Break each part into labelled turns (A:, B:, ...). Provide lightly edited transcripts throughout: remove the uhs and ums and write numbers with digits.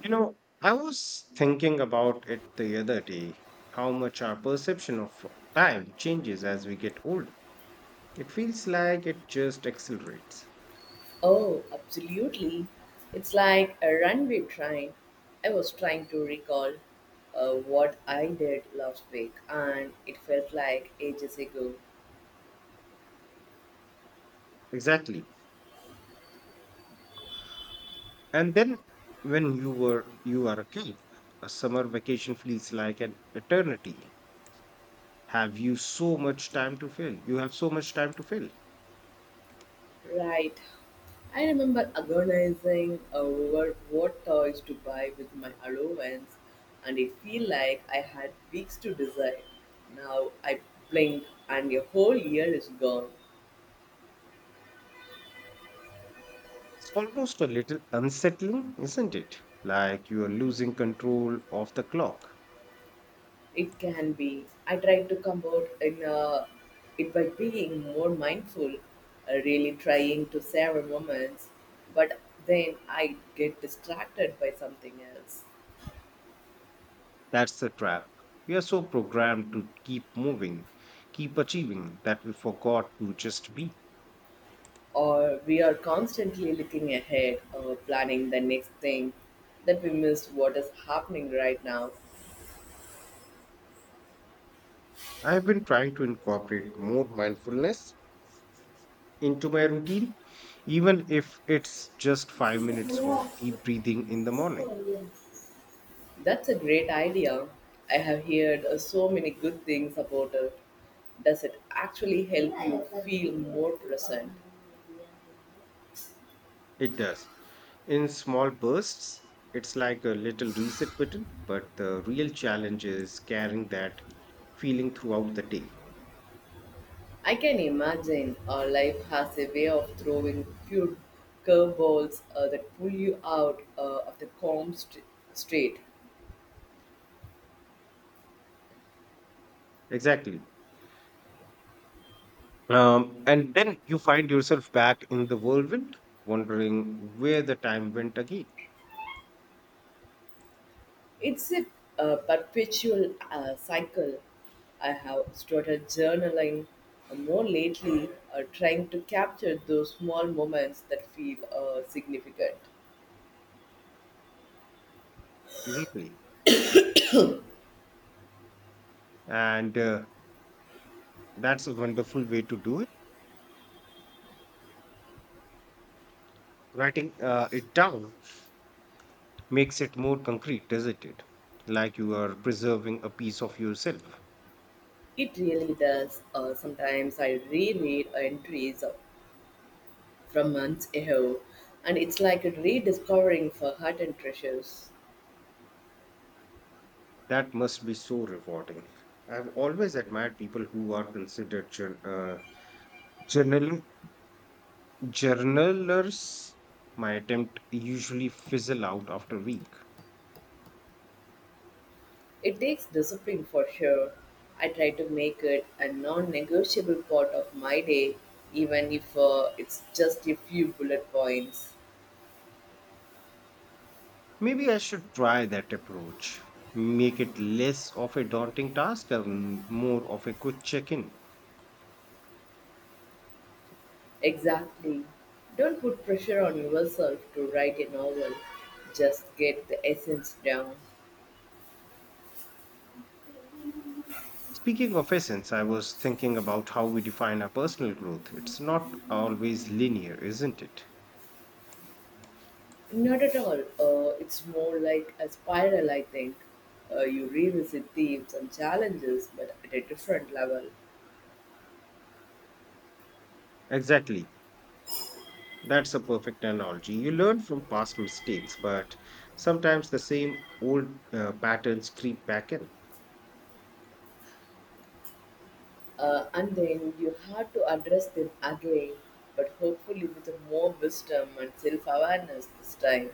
A: You know, I was thinking about it the other day, how much our perception of time changes as we get older. It feels like it just accelerates.
B: Oh, absolutely. It's like a runway train. I was trying to recall what I did last week, and it felt like ages ago.
A: Exactly. And then when you are a kid, a summer vacation feels like an eternity. Have you so much time to fill? You have so much time to fill.
B: Right. I remember agonizing over what toys to buy with my allowance, and it feel like I had weeks to decide. Now I blink, and a whole year is gone.
A: It's almost a little unsettling, isn't it? Like you are losing control of the clock.
B: It can be. I try to combat in it by being more mindful, really trying to savor moments, but then I get distracted by something else.
A: That's the trap. We are so programmed to keep moving, keep achieving, that we forgot to just be.
B: Or we are constantly looking ahead or planning the next thing that we miss what is happening right now.
A: I have been trying to incorporate more mindfulness into my routine, even if it's just 5 minutes of deep breathing in the morning.
B: That's a great idea. I have heard so many good things about it. Does it actually help you feel more present?
A: It does. In small bursts, it's like a little reset button, but the real challenge is carrying that feeling throughout the day.
B: I can imagine life has a way of throwing few curveballs that pull you out of the straight.
A: Exactly. And then you find yourself back in the whirlwind, wondering where the time went again.
B: It's a perpetual cycle. I have started journaling more lately, trying to capture those small moments that feel significant.
A: Exactly. And that's a wonderful way to do it. Writing it down makes it more concrete, doesn't it? Like you are preserving a piece of yourself.
B: It really does. Sometimes I reread entries from months ago, and it's like rediscovering forgotten treasures.
A: That must be so rewarding. I've always admired people who are considered journal journalers. My attempt usually fizzle out after a week.
B: It takes discipline for sure. I try to make it a non negotiable part of my day, even if it's just a few bullet points.
A: Maybe I should try that approach. Make it less of a daunting task and more of a quick check in.
B: Exactly. Don't put pressure on yourself to write a novel, just get the essence down.
A: Speaking of essence, I was thinking about how we define our personal growth. It's not always linear, isn't it?
B: Not at all. It's more like a spiral, I think. You revisit themes and challenges, but at a different level.
A: Exactly. That's a perfect analogy. You learn from past mistakes, but sometimes the same old patterns creep back in.
B: And then you have to address them again, but hopefully with more wisdom and self awareness this time.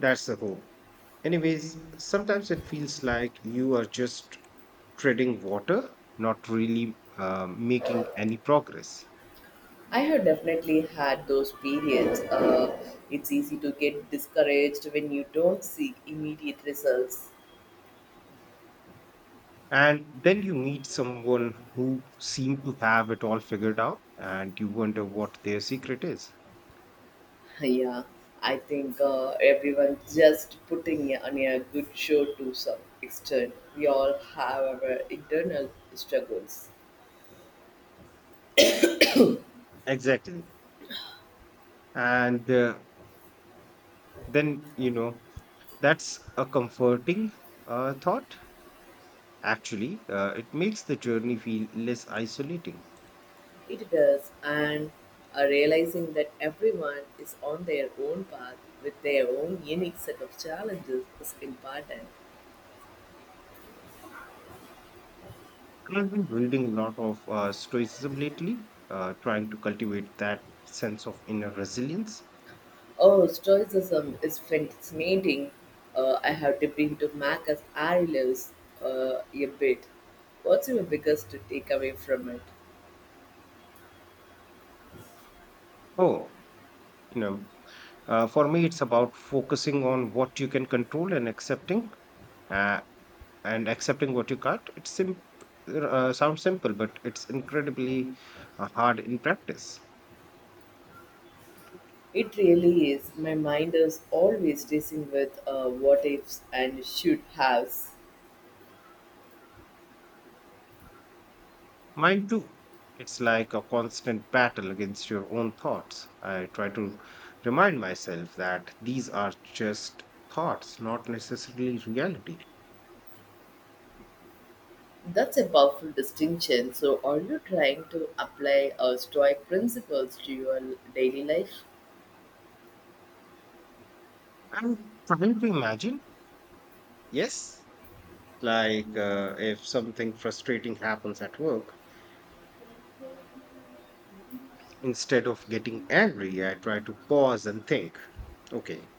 A: That's the hope. Anyways, sometimes it feels like you are just treading water, not really making any progress.
B: I have definitely had those periods. It's easy to get discouraged when you don't see immediate results.
A: And then you meet someone who seemed to have it all figured out, and you wonder what their secret is.
B: Yeah, I think everyone just putting on a good show to some extent. We all have our internal struggles.
A: Exactly. And then, that's a comforting thought, actually. It makes the journey feel less isolating.
B: It does, and realizing that everyone is on their own path with their own unique set of challenges is important.
A: I've been reading a lot of stoicism lately, trying to cultivate that sense of inner resilience.
B: Oh, Stoicism is fascinating. I have dipped into Marcus Aurelius a bit. What's your biggest takeaway from it?
A: Oh, you know, for me, it's about focusing on what you can control and uh, accepting what you can't. It's sounds simple, but it's incredibly hard in practice.
B: It really is. My mind is always racing with what ifs and should haves.
A: Mine too. It's like a constant battle against your own thoughts. I try to remind myself that these are just thoughts, not necessarily reality.
B: That's a powerful distinction. So, are you trying to apply Stoic principles to your daily life?
A: I'm trying to imagine. Yes, like if something frustrating happens at work. Instead of getting angry, I try to pause and think, okay,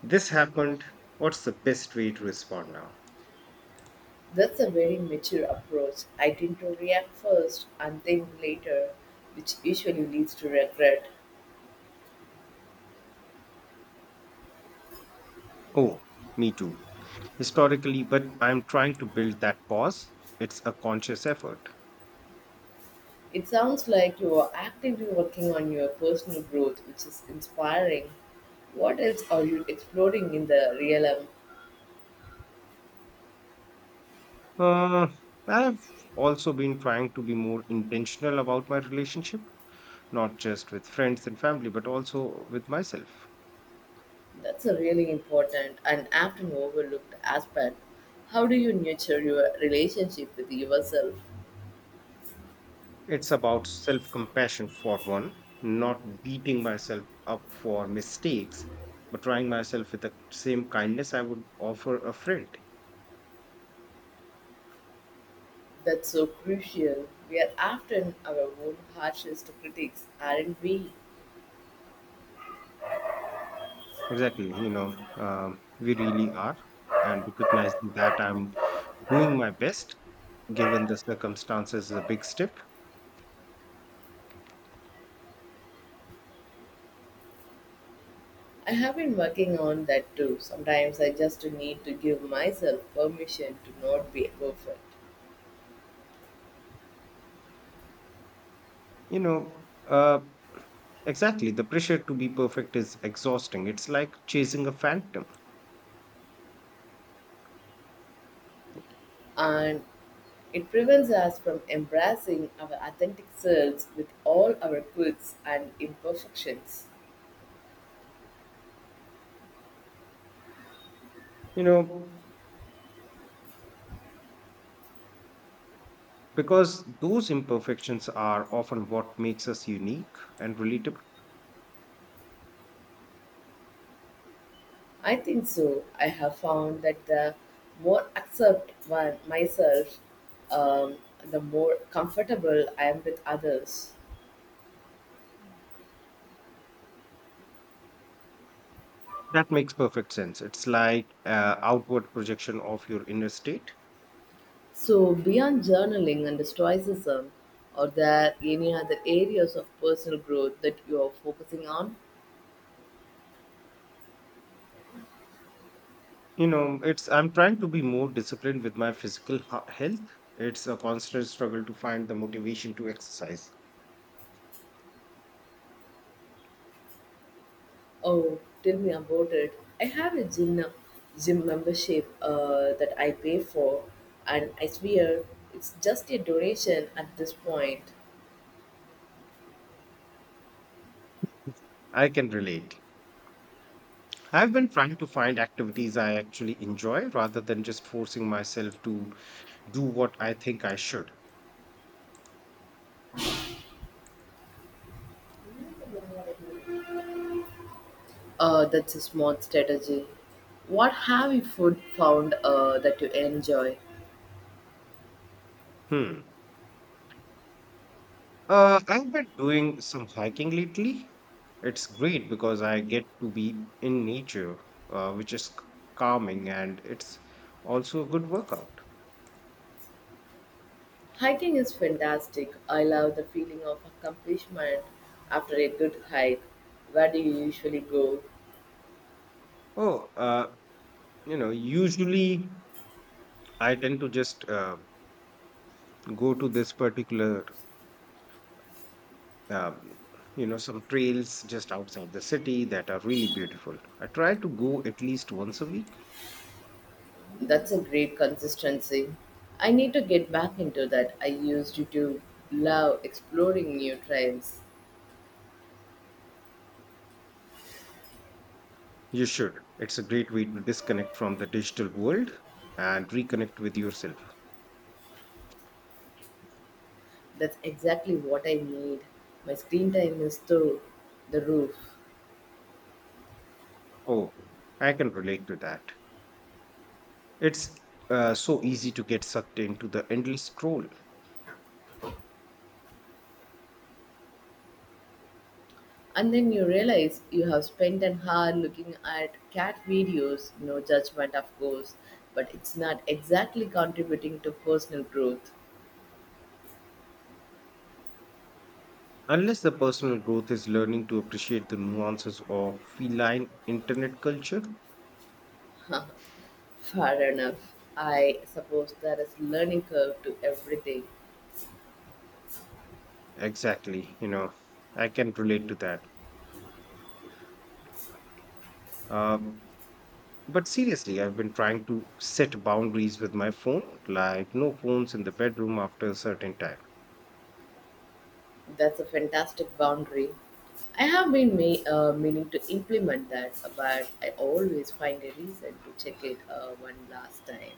A: this happened. What's the best way to respond now?
B: That's a very mature approach. I tend to react first and think later, which usually leads to regret.
A: Oh, me too. Historically, but I'm trying to build that pause. It's a conscious effort.
B: It sounds like you are actively working on your personal growth, which is inspiring. What else are you exploring in the realm?
A: Uh, I've also been trying to be more intentional about my relationship, not just with friends and family, but also with myself.
B: That's a really important and often overlooked aspect. How do you nurture your relationship with yourself?
A: It's about self compassion for one, not beating myself up for mistakes, but trying myself with the same kindness I would offer a friend.
B: That's so crucial. We are often our own harshest critics, aren't we?
A: Exactly. We really are. And recognizing that I'm doing my best given the circumstances is a big step.
B: I have been working on that too. Sometimes I just need to give myself permission to not be perfect.
A: You know, uh, exactly. The pressure to be perfect is exhausting. It's like chasing a phantom.
B: And it prevents us from embracing our authentic selves with all our quirks and imperfections.
A: You know, because those imperfections are often what makes us unique and relatable.
B: I think so. I have found that the more accept one myself, um, the more comfortable I am with others.
A: That makes perfect sense. It's like outward projection of your inner state.
B: So, beyond journaling and stoicism, are there any other areas of personal growth that you are focusing on?
A: You know it's I'm trying to be more disciplined with my physical health. It's a constant struggle to find the motivation to exercise.
B: Oh, tell me about it. I have a gym membership that I pay for, and I swear it's just a donation at this point.
A: I can relate. I've been trying to find activities I actually enjoy rather than just forcing myself to do what I think I should.
B: That's a smart strategy. What have you food found that you enjoy?
A: hmm I've been doing some hiking lately. It's great because I get to be in nature, which is calming, and it's also a good workout.
B: Hiking is fantastic. I love the feeling of accomplishment after a good hike. Where do you usually go?
A: Oh, usually I tend to just go to this particular um, you know some trails just outside the city that are really beautiful. I try to go at least once a week.
B: That's a great consistency. I need to get back into that. I used to love exploring new trails.
A: You should. It's a great way to disconnect from the digital world and reconnect with yourself.
B: That's exactly what I need. My screen time is through the roof.
A: Oh, I can relate to that. It's so easy to get sucked into the endless scroll.
B: And then you realize you have spent an hour looking at cat videos, no judgment, of course, but it's not exactly contributing to personal growth.
A: Unless the personal growth is learning to appreciate the nuances of feline internet culture.
B: Fair enough. I suppose there is learning curve to everything.
A: Exactly. I can relate to that. Um, but seriously, I've been trying to set boundaries with my phone, like no phones in the bedroom after a certain time.
B: That's a fantastic boundary. I have been me meaning to implement that, but I always find a reason to check it one last time.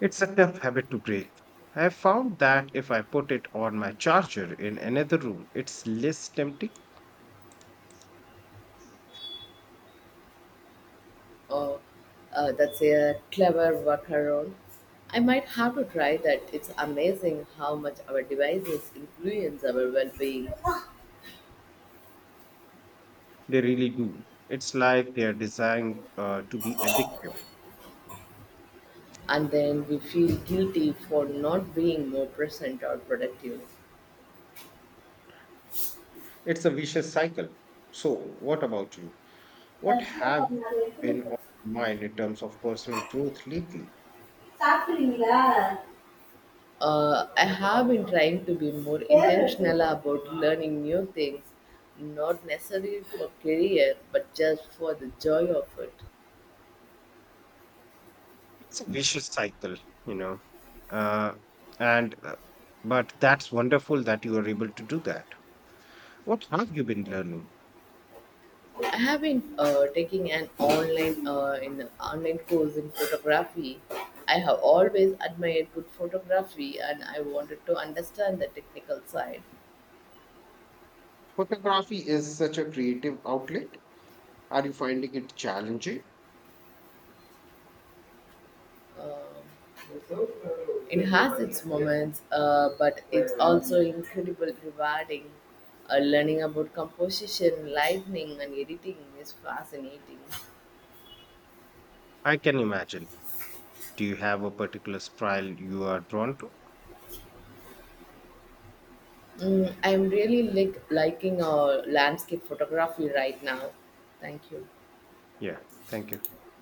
A: It's a tough habit to break. I have found that if I put it on my charger in another room, it's less tempting.
B: Or That's a clever workaround. I might have to try that. It's amazing how much our devices influence our well-being,
A: They really do. It's like they are designed to be addictive.
B: and then we feel guilty for not being more present or productive.
A: It's a vicious cycle. So, what about you? What have been on your mind in terms of personal growth lately?
B: சாப்பிடுறீங்களா? Uh, I have been trying to be more intentional about learning new things, not necessarily for career, but just for the joy of it.
A: It's a vicious cycle, you know. Uh, and but that's wonderful that you are able to do that. What have you been learning?
B: I have been taking an online course in photography. I have always admired good photography, and I wanted to understand the technical side.
A: Photography is such a creative outlet. Are you finding it challenging?
B: Uh, It has its moments, but it's also incredibly rewarding. Learning about composition, lightning, and editing is fascinating.
A: I can imagine. Do you have a particular style you are drawn to?
B: Mm, I'm really liking landscape photography right now. Thank you.
A: Yeah, thank you.